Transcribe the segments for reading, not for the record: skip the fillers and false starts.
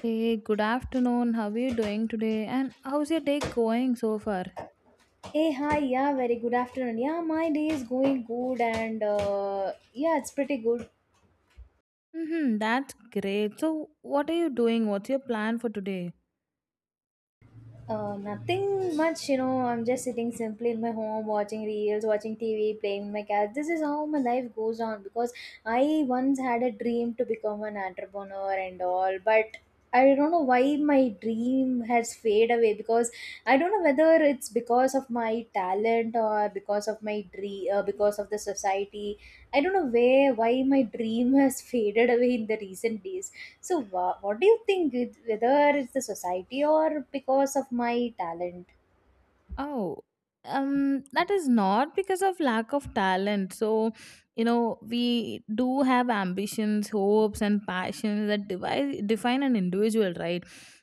Hey, good afternoon. How are you doing today? And how's your day going so far? Hey, hi, yeah, very good afternoon. Yeah, my day is going good and yeah, it's pretty good. Mm-hmm, that's great. So, what are you doing? What's your plan for today? Nothing much, you know. I'm just sitting simply in my home, watching reels, watching TV, playing with my cat. This is how my life goes on because I once had a dream to become an entrepreneur and all, but I don't know why my dream has faded away because I don't know whether it's because of my talent or because of my dream, because of the society. I don't know where why my dream has faded away in the recent days so, what do you think? Whether it's the society or because of my talent? Oh, that is not because of lack of talent. So, you know, we do have ambitions, hopes, and passions that define an individual, right?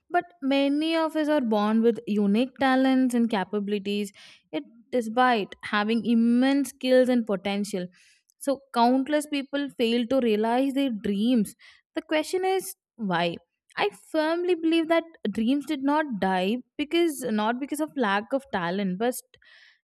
But many of us are born with unique talents and capabilities, yet, despite having immense skills and potential. So, countless people fail to realize their dreams. The question is, why? I firmly believe that dreams did not die because not because of lack of talent, but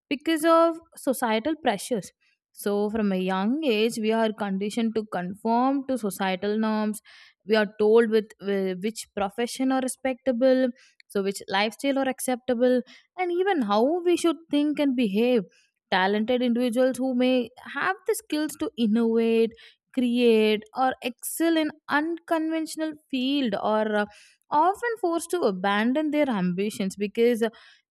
because of societal pressures. So, from a young age, we are conditioned to conform to societal norms. We are told with which profession are respectable, so which lifestyle are acceptable, and even how we should think and behave. Talented individuals who may have the skills to innovate, create, or excel in unconventional field or often forced to abandon their ambitions because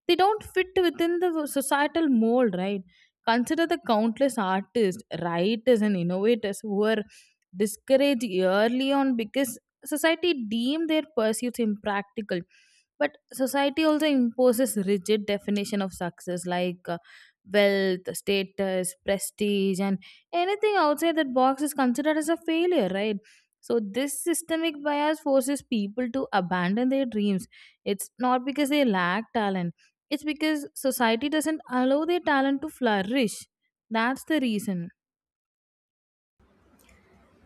they don't fit within the societal mold, right? Consider the countless artists, writers, and innovators who were discouraged early on because society deemed their pursuits impractical. But society also imposes rigid definition of success like wealth, status, prestige, and anything outside that box is considered as a failure, right? So this systemic bias forces people to abandon their dreams. It's not because they lack talent, it's because society doesn't allow their talent to flourish. That's the reason.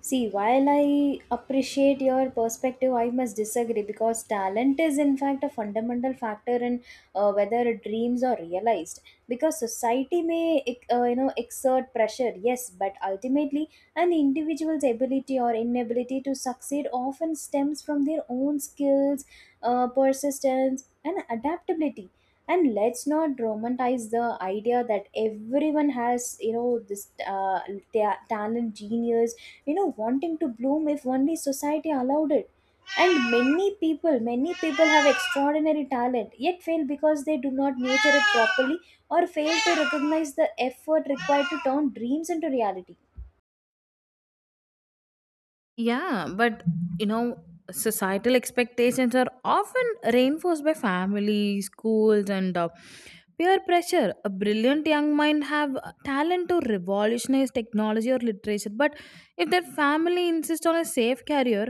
See, while I appreciate your perspective, I must disagree because talent is, in fact, a fundamental factor in whether dreams are realized. Because society may, you know, exert pressure, yes, but ultimately, an individual's ability or inability to succeed often stems from their own skills, persistence, and adaptability. And let's not romanticize the idea that everyone has, you know, talent, genius, you know, wanting to bloom if only society allowed it. And many people have extraordinary talent yet fail because they do not nurture it properly or fail to recognize the effort required to turn dreams into reality. Yeah, but you know, societal expectations are often reinforced by family, schools, and peer pressure. A brilliant young mind have talent to revolutionize technology or literature, but if their family insists on a safe career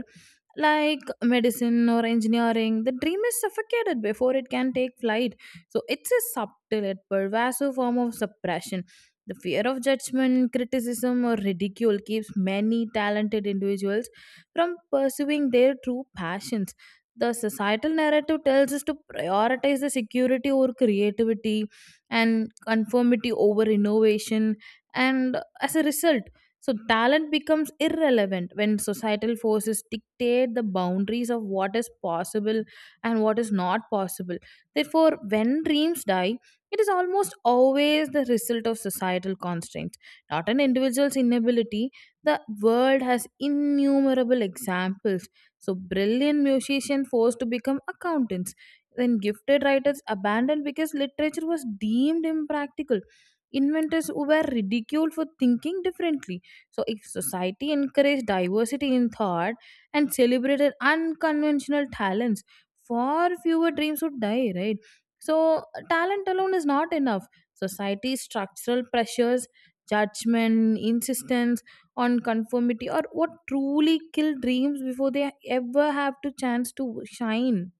like medicine or engineering, the dream is suffocated before it can take flight. So it's a subtle yet pervasive form of suppression. The fear of judgment, criticism, or ridicule keeps many talented individuals from pursuing their true passions. The societal narrative tells us to prioritize the security over creativity and conformity over innovation, and as a result, so talent becomes irrelevant when societal forces dictate the boundaries of what is possible and what is not possible. Therefore, when dreams die, it is almost always the result of societal constraints, not an individual's inability. The world has innumerable examples. So, brilliant musicians forced to become accountants, then gifted writers abandoned because literature was deemed impractical. Inventors who were ridiculed for thinking differently. So, if society encouraged diversity in thought and celebrated unconventional talents, far fewer dreams would die, right? So, talent alone is not enough. Society's structural pressures, judgment, insistence on conformity, or what truly kill dreams before they ever have to chance to shine.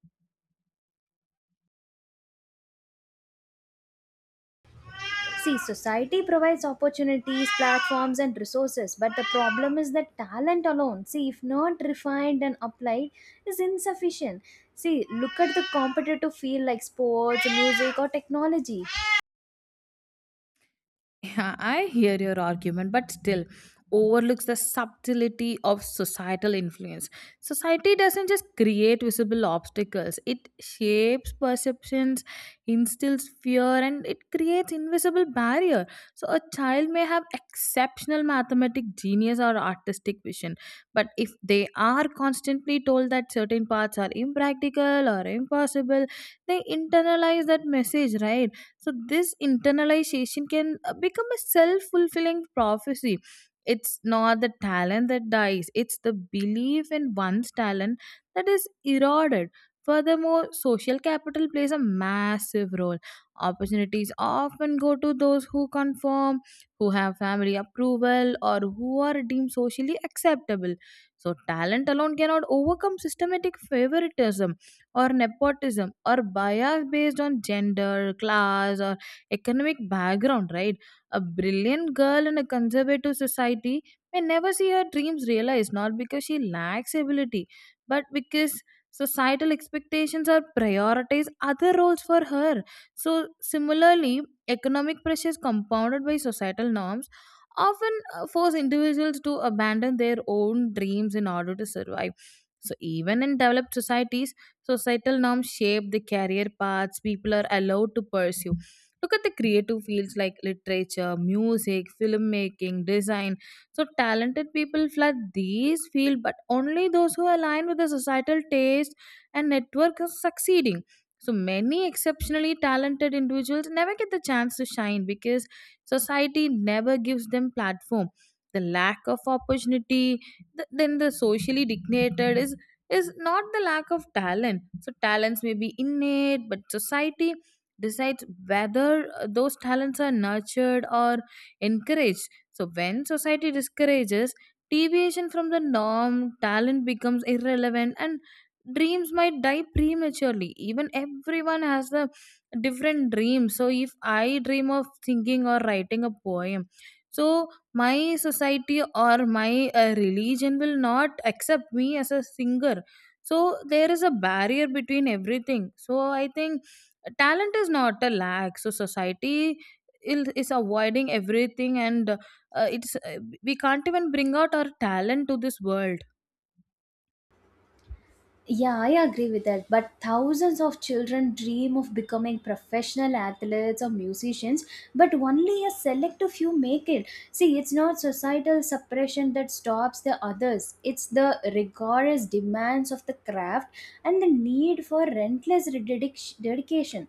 See, society provides opportunities, platforms, and resources, but the problem is that talent alone, see, if not refined and applied, is insufficient. See, look at the competitive field like sports, music, or technology. Yeah, I hear your argument, but still overlooks the subtlety of societal influence. Society doesn't just create visible obstacles, it shapes perceptions, instills fear, and it creates invisible barrier. So a child may have exceptional mathematic genius or artistic vision, but if they are constantly told that certain paths are impractical or impossible, they internalize that message, right? So this internalization can become a self-fulfilling prophecy. It's not the talent that dies, it's the belief in one's talent that is eroded. Furthermore, social capital plays a massive role. Opportunities often go to those who conform, who have family approval or who are deemed socially acceptable. So talent alone cannot overcome systematic favoritism or nepotism or bias based on gender, class, or economic background, right? A brilliant girl in a conservative society may never see her dreams realized, not because she lacks ability, but because societal expectations are prioritize other roles for her. So, similarly, economic pressures compounded by societal norms often force individuals to abandon their own dreams in order to survive. So, even in developed societies, societal norms shape the career paths people are allowed to pursue. Look at the creative fields like literature, music, filmmaking, design. So talented people flood these fields, but only those who align with the societal taste and network are succeeding. So many exceptionally talented individuals never get the chance to shine because society never gives them platform. The lack of opportunity, then the socially dictated is not the lack of talent. So, talents may be innate, but society decides whether those talents are nurtured or encouraged. So, when society discourages deviation from the norm, talent becomes irrelevant and dreams might die prematurely. Even everyone has the different dreams. So, if I dream of thinking or writing a poem, so my society or my religion will not accept me as a singer, so there is a barrier between everything. So I think talent is not a lack, so society is avoiding everything and it's we can't even bring out our talent to this world. Yeah, I agree with that. But thousands of children dream of becoming professional athletes or musicians, but only a select few make it. See, it's not societal suppression that stops the others, it's the rigorous demands of the craft and the need for relentless dedication.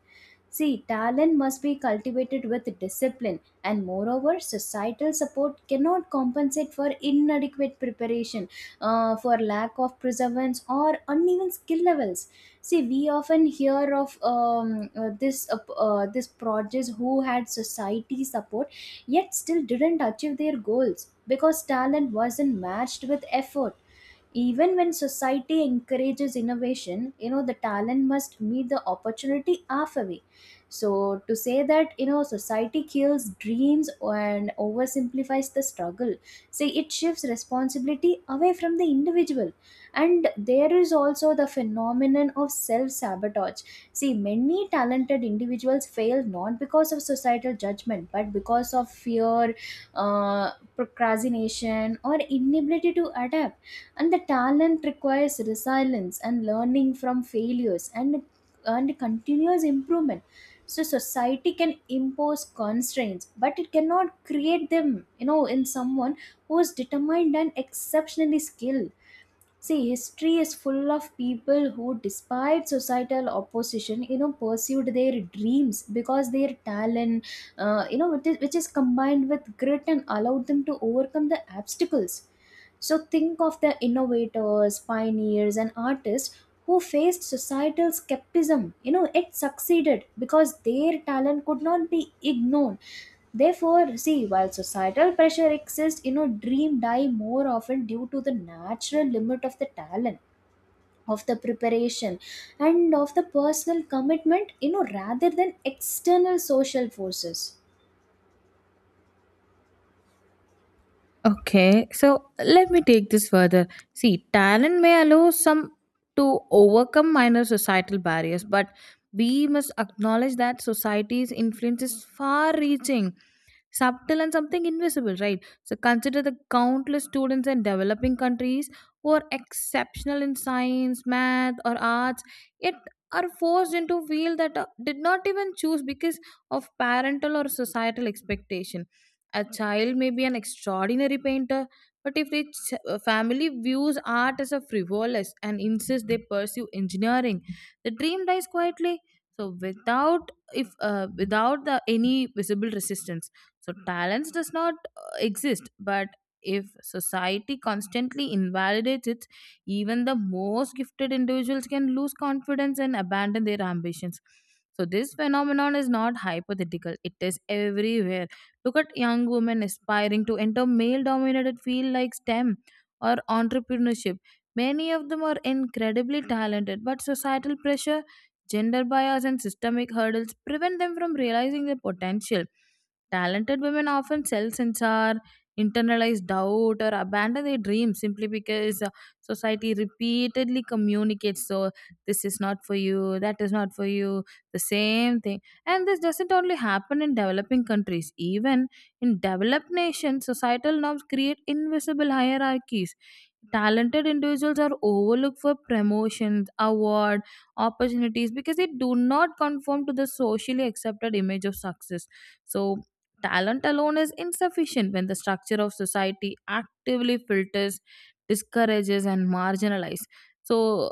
See, talent must be cultivated with discipline, and moreover, societal support cannot compensate for inadequate preparation, for lack of perseverance, or uneven skill levels. See, we often hear of this projects who had society support yet still didn't achieve their goals because talent wasn't matched with effort. Even when society encourages innovation, you know, the talent must meet the opportunity halfway. So to say that, you know, society kills dreams and oversimplifies the struggle, say it shifts responsibility away from the individual. And there is also the phenomenon of self sabotage. See, many talented individuals fail not because of societal judgment, but because of fear, procrastination, or inability to adapt. And the talent requires resilience and learning from failures, and continuous improvement. So society can impose constraints, but it cannot create them, you know, in someone who is determined and exceptionally skilled. See, history is full of people who, despite societal opposition, you know, pursued their dreams because their talent, you know, which is combined with grit and allowed them to overcome the obstacles. So think of the innovators, pioneers, and artists who faced societal skepticism, you know, it succeeded because their talent could not be ignored. Therefore, see, while societal pressure exists, you know, dream die more often due to the natural limit of the talent, of the preparation, and of the personal commitment, you know, rather than external social forces. Okay, so let me take this further. See, talent may allow some to overcome minor societal barriers, but we must acknowledge that society's influence is far reaching. Subtle and something invisible, right? So consider the countless students in developing countries who are exceptional in science, math, or arts, yet are forced into fields that did not even choose because of parental or societal expectation. A child may be an extraordinary painter, but if the family views art as a frivolous and insists they pursue engineering, the dream dies quietly. So without if without the any visible resistance, so talents does not exist, but if society constantly invalidates it, even the most gifted individuals can lose confidence and abandon their ambitions. So this phenomenon is not hypothetical; it is everywhere. Look at young women aspiring to enter male-dominated field like STEM or entrepreneurship. Many of them are incredibly talented, but societal pressure, gender bias, and systemic hurdles prevent them from realizing their potential. Talented women often self censor, internalize doubt, or abandon their dreams simply because society repeatedly communicates, so this is not for you, that is not for you, the same thing. And this doesn't only happen in developing countries, even in developed nations, societal norms create invisible hierarchies. Talented individuals are overlooked for promotions, award, opportunities because they do not conform to the socially accepted image of success. So talent alone is insufficient when the structure of society actively filters, discourages, and marginalizes. So,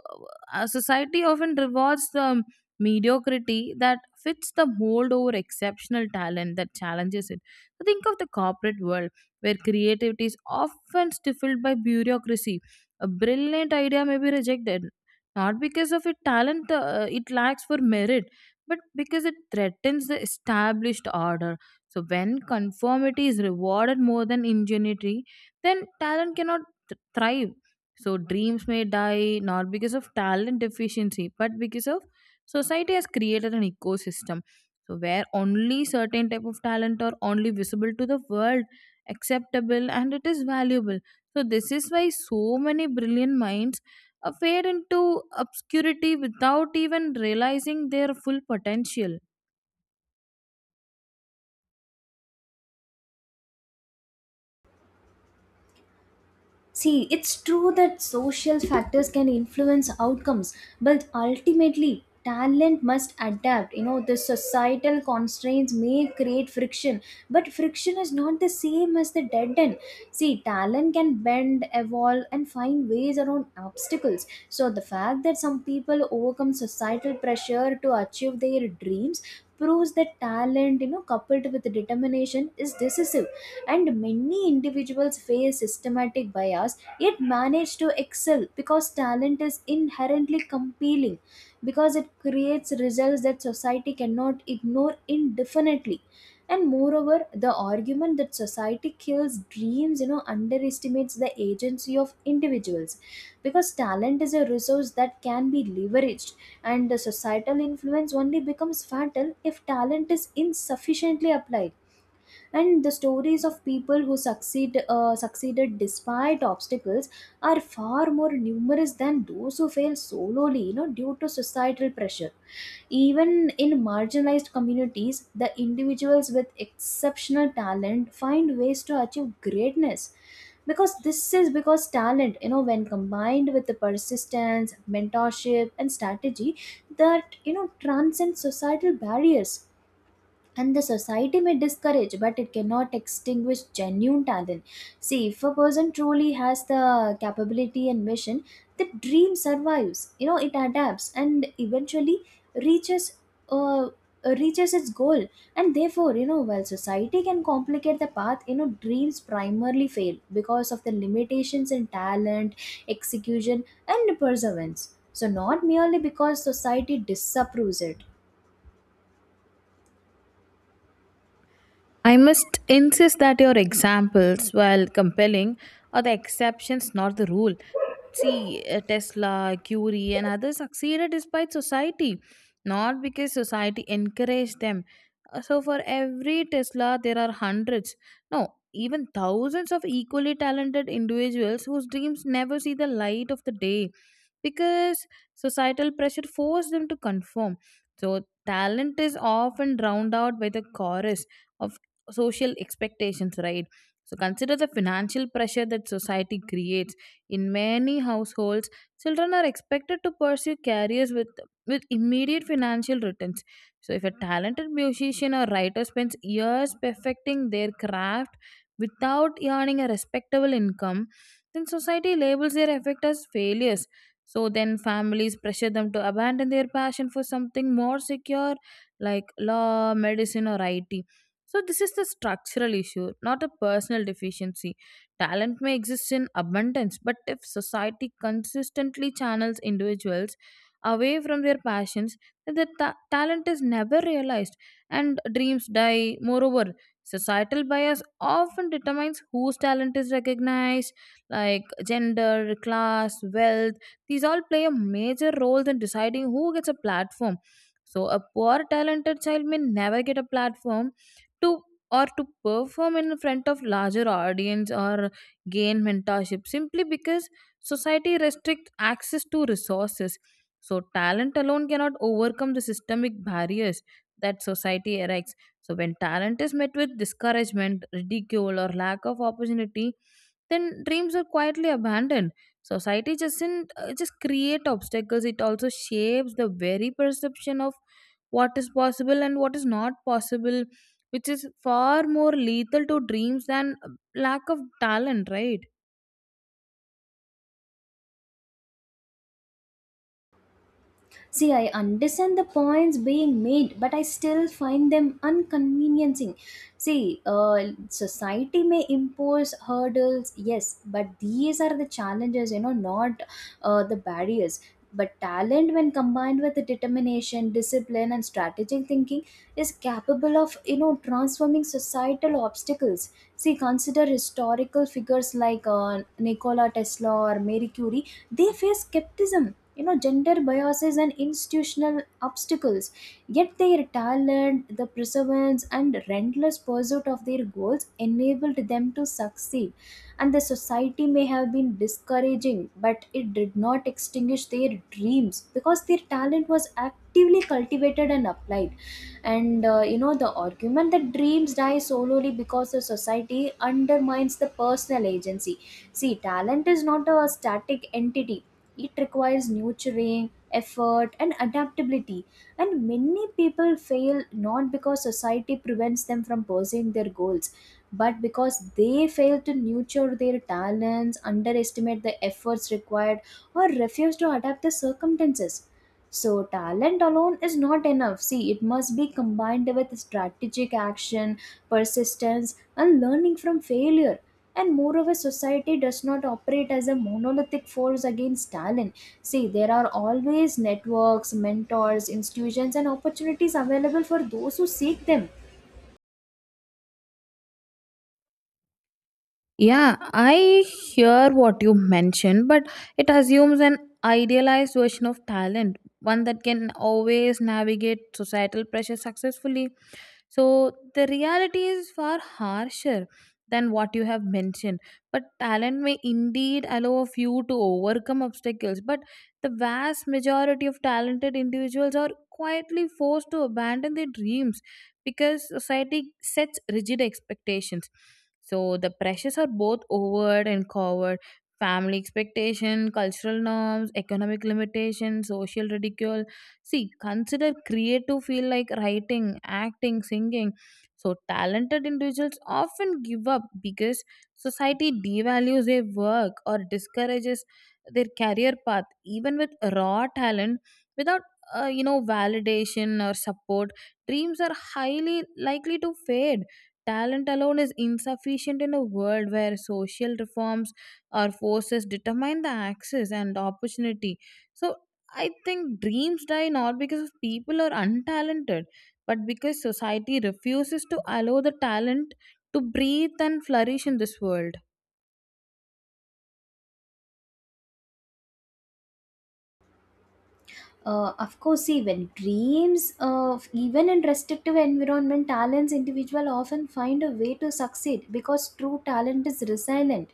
a society often rewards the mediocrity that fits the mold over exceptional talent that challenges it. So think of the corporate world where creativity is often stifled by bureaucracy. A brilliant idea may be rejected not because of its talent it lacks for merit but because it threatens the established order. So when conformity is rewarded more than ingenuity, then talent cannot thrive. So dreams may die not because of talent deficiency, but because of society has created an ecosystem. So where only certain type of talent are only visible to the world, acceptable and it is valuable. So this is why so many brilliant minds are fade into obscurity without even realizing their full potential. See, it's true that social factors can influence outcomes, but ultimately, talent must adapt. You know, the societal constraints may create friction, but friction is not the same as the dead end. See, talent can bend, evolve, and find ways around obstacles. So, the fact that some people overcome societal pressure to achieve their dreams proves that talent, you know, coupled with determination is decisive. And many individuals face systematic bias yet manage to excel because talent is inherently compelling, because it creates results that society cannot ignore indefinitely. And moreover, the argument that society kills dreams, you know, underestimates the agency of individuals, because talent is a resource that can be leveraged, and the societal influence only becomes fatal if talent is insufficiently applied. And the stories of people who succeeded despite obstacles are far more numerous than those who fail solely, you know, due to societal pressure. Even in marginalized communities, the individuals with exceptional talent find ways to achieve greatness, because this is because talent, you know, when combined with the persistence, mentorship, and strategy, that, you know, transcend societal barriers. And the society may discourage, but it cannot extinguish genuine talent. See, if a person truly has the capability and mission, the dream survives, you know, it adapts and eventually reaches uh, reaches its goal. And therefore, you know, while society can complicate the path, you know, dreams primarily fail because of the limitations in talent, execution, and perseverance, so not merely because society disapproves it. I must insist that your examples, while compelling, are the exceptions, not the rule. See, Tesla, Curie, and others succeeded despite society, not because society encouraged them. So, for every Tesla, there are hundreds, no, even thousands of equally talented individuals whose dreams never see the light of the day because societal pressure forced them to conform. So, talent is often drowned out by the chorus of social expectations, right? So, consider the financial pressure that society creates in many households, children are expected to pursue careers with immediate financial returns. So, if a talented musician or writer spends years perfecting their craft without earning a respectable income, then society labels their effort as failures. So, then families pressure them to abandon their passion for something more secure like law, medicine, or IT. So, this is the structural issue, not a personal deficiency. Talent may exist in abundance, but if society consistently channels individuals away from their passions, then the talent is never realized and dreams die. Moreover, societal bias often determines whose talent is recognized, like gender, class, wealth. These all play a major role in deciding who gets a platform. So, a poor talented child may never get a platform to or to perform in front of larger audience or gain mentorship simply because society restricts access to resources. So, talent alone cannot overcome the systemic barriers that society erects. So, when talent is met with discouragement, ridicule, or lack of opportunity, then dreams are quietly abandoned. Society doesn't just create obstacles, it also shapes the very perception of what is possible and what is not possible, which is far more lethal to dreams than lack of talent, right? See, I understand the points being made, but I still find them inconveniencing. See, society may impose hurdles, yes, but these are the challenges, you know, not the barriers. But talent, when combined with the determination, discipline, and strategic thinking, is capable of, you know, transforming societal obstacles. See, consider historical figures like Nikola Tesla or Marie Curie. They face skepticism, you know, gender biases, and institutional obstacles, yet their talent, the perseverance, and relentless pursuit of their goals enabled them to succeed. And the society may have been discouraging, but it did not extinguish their dreams, because their talent was actively cultivated and applied. And you know, the argument that dreams die solely because the society undermines the personal agency. See, talent is not a static entity, it requires nurturing, effort, and adaptability. And many people fail not because society prevents them from pursuing their goals, but because they fail to nurture their talents, underestimate the efforts required, or refuse to adapt the circumstances. So, talent alone is not enough. See, it must be combined with strategic action, persistence, and learning from failure. And moreover, society does not operate as a monolithic force against talent. See, there are always networks, mentors, institutions, and opportunities available for those who seek them. Yeah, I hear what you mentioned, but it assumes an idealized version of talent, one that can always navigate societal pressure successfully. So the reality is far harsher than what you have mentioned. But talent may indeed allow a few to overcome obstacles, but the vast majority of talented individuals are quietly forced to abandon their dreams because society sets rigid expectations. So the pressures are both overt and covert. Family expectation, cultural norms, economic limitations, social ridicule. See, consider creative field like writing, acting, singing. So, talented individuals often give up because society devalues their work or discourages their career path. Even with raw talent, without validation or support, dreams are highly likely to fade. Talent alone is insufficient in a world where social reforms or forces determine the access and opportunity. So, I think dreams die not because of people are untalented, but because society refuses to allow the talent to breathe and flourish in this world. Of course, see, when dreams, even in restrictive environment, talents individual often find a way to succeed because true talent is resilient.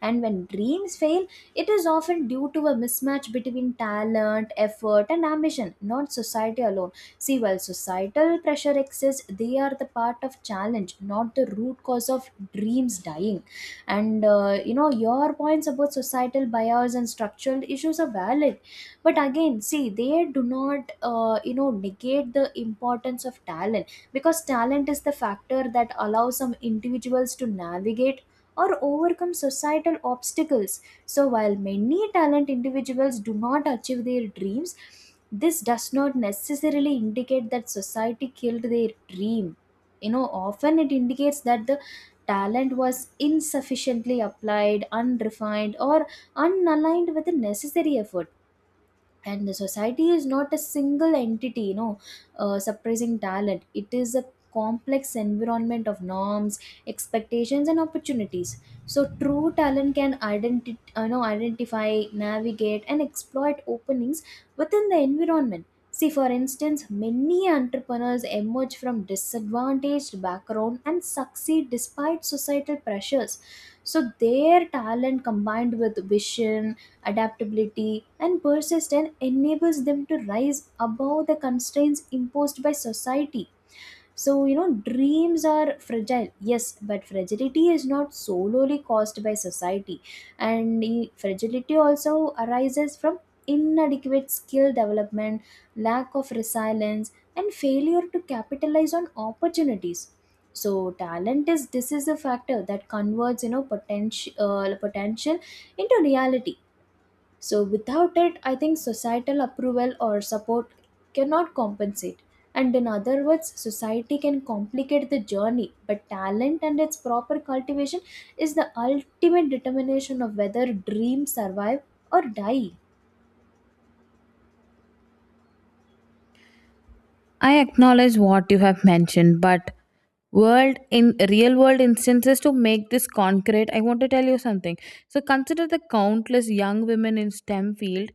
And when dreams fail, it is often due to a mismatch between talent, effort, and ambition, not society alone. See, while societal pressure exists, they are the part of challenge, not the root cause of dreams dying. And you know, your points about societal bias and structural issues are valid, but again, see, they do not, you know, negate the importance of talent, because talent is the factor that allows some individuals to navigate or overcome societal obstacles. So while many talent individuals do not achieve their dreams, this does not necessarily indicate that society killed their dream. You know, often it indicates that the talent was insufficiently applied, unrefined, or unaligned with the necessary effort. And the society is not a single entity, you know, suppressing talent, it is a complex environment of norms, expectations, and opportunities. So true talent can identi- no, identify, navigate, and exploit openings within the environment. See, for instance, many entrepreneurs emerge from disadvantaged background and succeed despite societal pressures. So their talent combined with vision, adaptability, and persistence enables them to rise above the constraints imposed by society. So, you know, dreams are fragile, yes, but fragility is not solely caused by society, and fragility also arises from inadequate skill development, lack of resilience, and failure to capitalize on opportunities. So, talent is this is a factor that converts, you know, potential into reality. So, without it, I think societal approval or support cannot compensate. And in other words, society can complicate the journey, but talent and its proper cultivation is the ultimate determination of whether dreams survive or die. I acknowledge what you have mentioned, but world in real world instances to make this concrete, I want to tell you something. So consider the countless young women in STEM field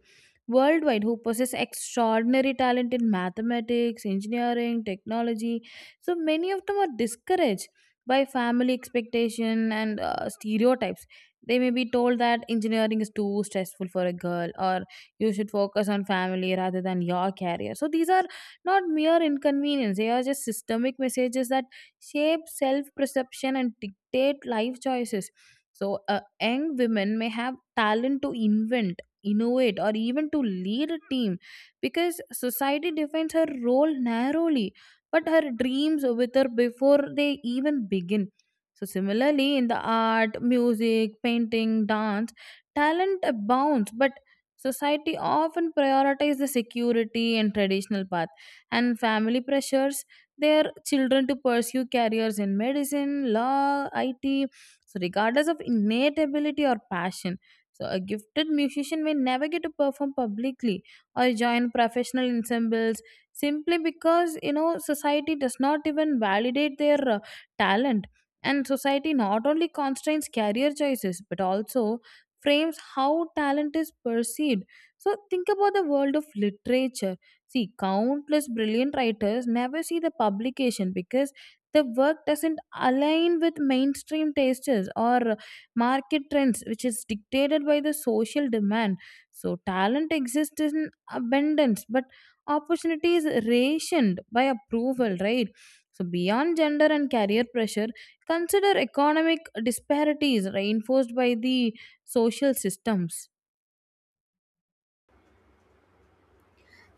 worldwide who possess extraordinary talent in mathematics, engineering, technology. So many of them are discouraged by family expectation and stereotypes. They may be told that engineering is too stressful for a girl, or you should focus on family rather than your career. So these are not mere inconvenience. They are just systemic messages that shape self perception and dictate life choices. So, young women may have talent to invent, innovate, or even to lead a team because society defines her role narrowly, but her dreams with her before they even begin. So, similarly, in the art, music, painting, dance, talent abounds, but society often prioritizes the security and traditional paths, and family pressures their children to pursue careers in medicine, law, IT, so regardless of innate ability or passion. So a gifted musician may never get to perform publicly or join professional ensembles simply because you know society does not even validate their talent. And society not only constrains career choices but also frames how talent is perceived. So think about the world of literature. See, countless brilliant writers never see the publication because the work doesn't align with mainstream tastes or market trends, which is dictated by the social demand. So, talent exists in abundance, but opportunity is rationed by approval, right? So, beyond gender and career pressure, consider economic disparities reinforced by the social systems.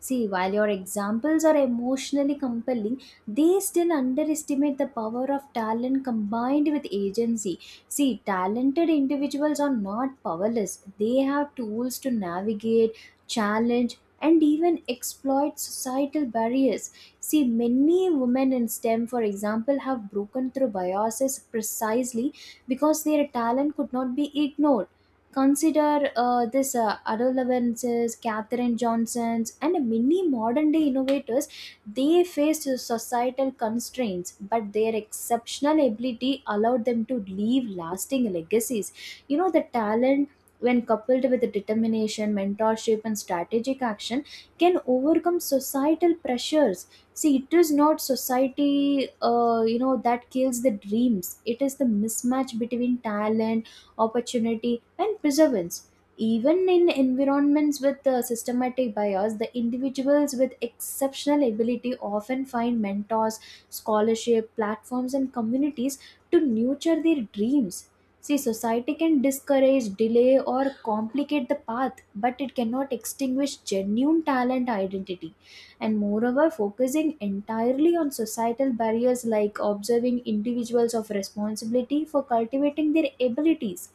See, while your examples are emotionally compelling, they still underestimate the power of talent combined with agency. See, talented individuals are not powerless, they have tools to navigate, challenge, and even exploit societal barriers. See, many women in STEM, for example, have broken through biases precisely because their talent could not be ignored. Consider this adolescents, Catherine Johnsons, and many modern day innovators. They faced societal constraints, but their exceptional ability allowed them to leave lasting legacies. You know, the talent, when coupled with determination, mentorship, and strategic action, can overcome societal pressures. See, it is not society, you know, that kills the dreams, it is the mismatch between talent, opportunity, and perseverance. Even in environments with systematic bias, the individuals with exceptional ability often find mentors, scholarship, platforms, and communities to nurture their dreams. See, society can discourage, delay, or complicate the path, but it cannot extinguish genuine talent identity. And moreover, focusing entirely on societal barriers like observing individuals of responsibility for cultivating their abilities.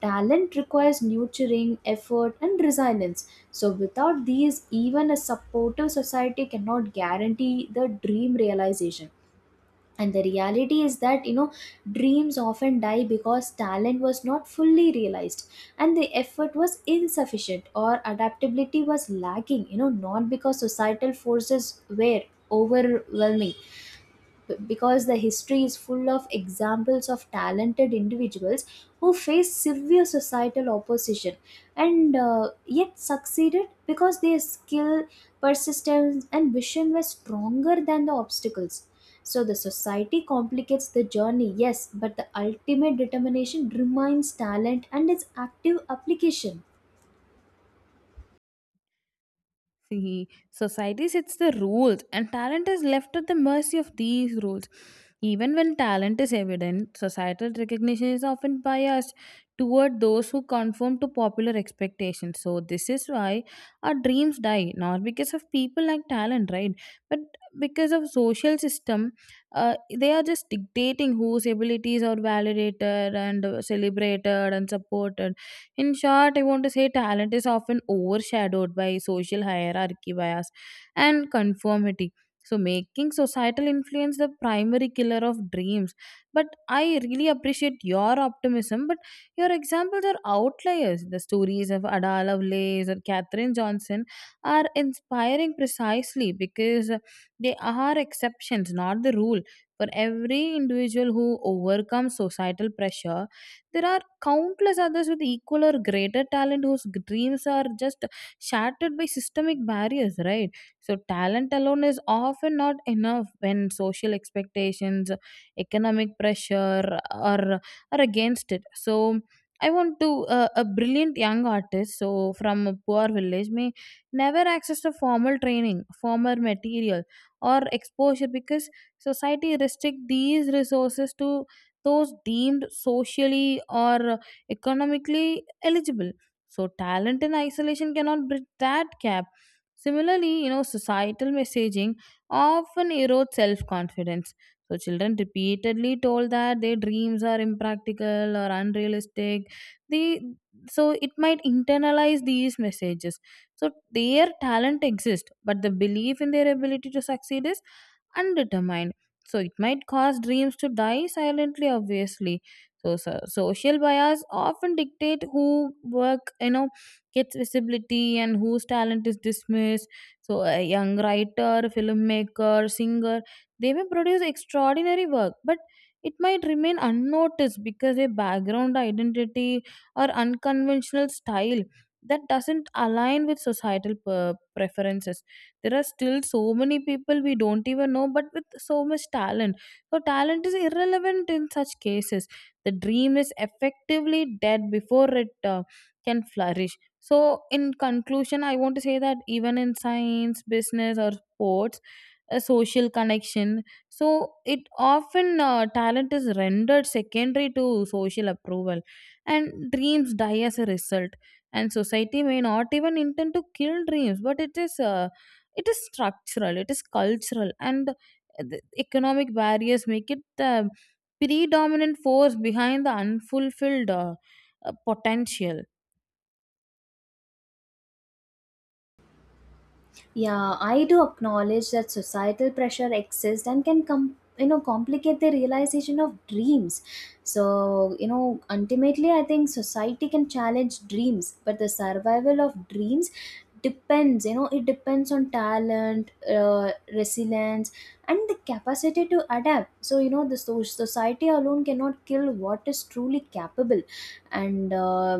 Talent requires nurturing, effort, and resilience. So, without these, even a supportive society cannot guarantee the dream realization. And the reality is that, you know, dreams often die because talent was not fully realized and the effort was insufficient or adaptability was lacking, you know, not because societal forces were overwhelming, because the history is full of examples of talented individuals who faced severe societal opposition and yet succeeded because their skill, persistence, and vision were stronger than the obstacles. So the society complicates the journey, yes, but the ultimate determination remains talent and its active application. See, society sets the rules, and talent is left at the mercy of these rules. Even when talent is evident, societal recognition is often biased toward those who conform to popular expectations. So, this is why our dreams die, not because of people like talent, right? But because of social system, they are just dictating whose abilities are validated and celebrated and supported. In short, I want to say talent is often overshadowed by social hierarchy bias and conformity. So, making societal influence the primary killer of dreams. But I really appreciate your optimism. But your examples are outliers. The stories of Ada Lovelace or Katherine Johnson are inspiring precisely because they are exceptions, not the rule. For every individual who overcomes societal pressure, there are countless others with equal or greater talent whose dreams are just shattered by systemic barriers, right? So talent alone is often not enough when social expectations, economic pressure are against it. So I want to a brilliant young artist so from a poor village may never access a formal training, formal material, or exposure because society restrict these resources to those deemed socially or economically eligible. So, talent in isolation cannot bridge that gap. Similarly, you know, societal messaging often erodes self confidence. So, children repeatedly told that their dreams are impractical or unrealistic. They, so, it might internalize these messages. So, their talent exists, but the belief in their ability to succeed is undetermined. So it might cause dreams to die silently, obviously. So, so social bias often dictate who work, you know, gets visibility and whose talent is dismissed. So a young writer, filmmaker, singer, they may produce extraordinary work, but it might remain unnoticed because their background identity or unconventional style that doesn't align with societal preferences. There are still so many people we don't even know, but with so much talent. So, talent is irrelevant in such cases. The dream is effectively dead before it can flourish. So, in conclusion, I want to say that even in science, business, or sports, a social connection. So it often talent is rendered secondary to social approval, and dreams die as a result. And society may not even intend to kill dreams, but it is structural, it is cultural, and the economic barriers make it the predominant force behind the unfulfilled potential. Yeah, I do acknowledge that societal pressure exists and can come, you know, complicate the realization of dreams. So, you know, ultimately, I think society can challenge dreams, but the survival of dreams depends, you know, it depends on talent, resilience, and the capacity to adapt. So, you know, the society alone cannot kill what is truly capable. And uh,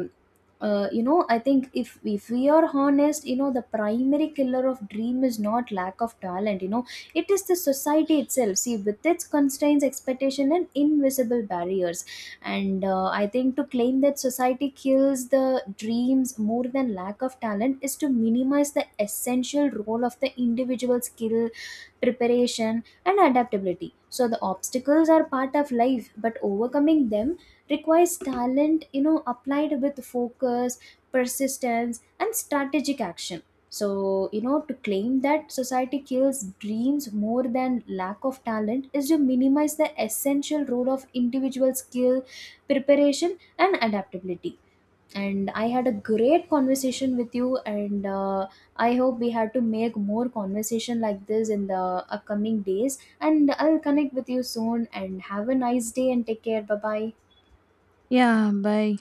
uh, you know, I think, if we are honest, you know, the primary killer of dream is not lack of talent, you know, it is the society itself. See, with its constraints, expectation, and invisible barriers. And I think to claim that society kills the dreams more than lack of talent is to minimize the essential role of the individual skill, preparation, and adaptability. So the obstacles are part of life, but overcoming them requires talent, you know, applied with focus, persistence, and strategic action. So, you know, to claim that society kills dreams more than lack of talent is to minimize the essential role of individual skill, preparation, and adaptability. And I had a great conversation with you, and I hope we had to make more conversation like this in the upcoming days, and I'll connect with you soon and have a nice day and take care. Bye bye. Yeah, bye.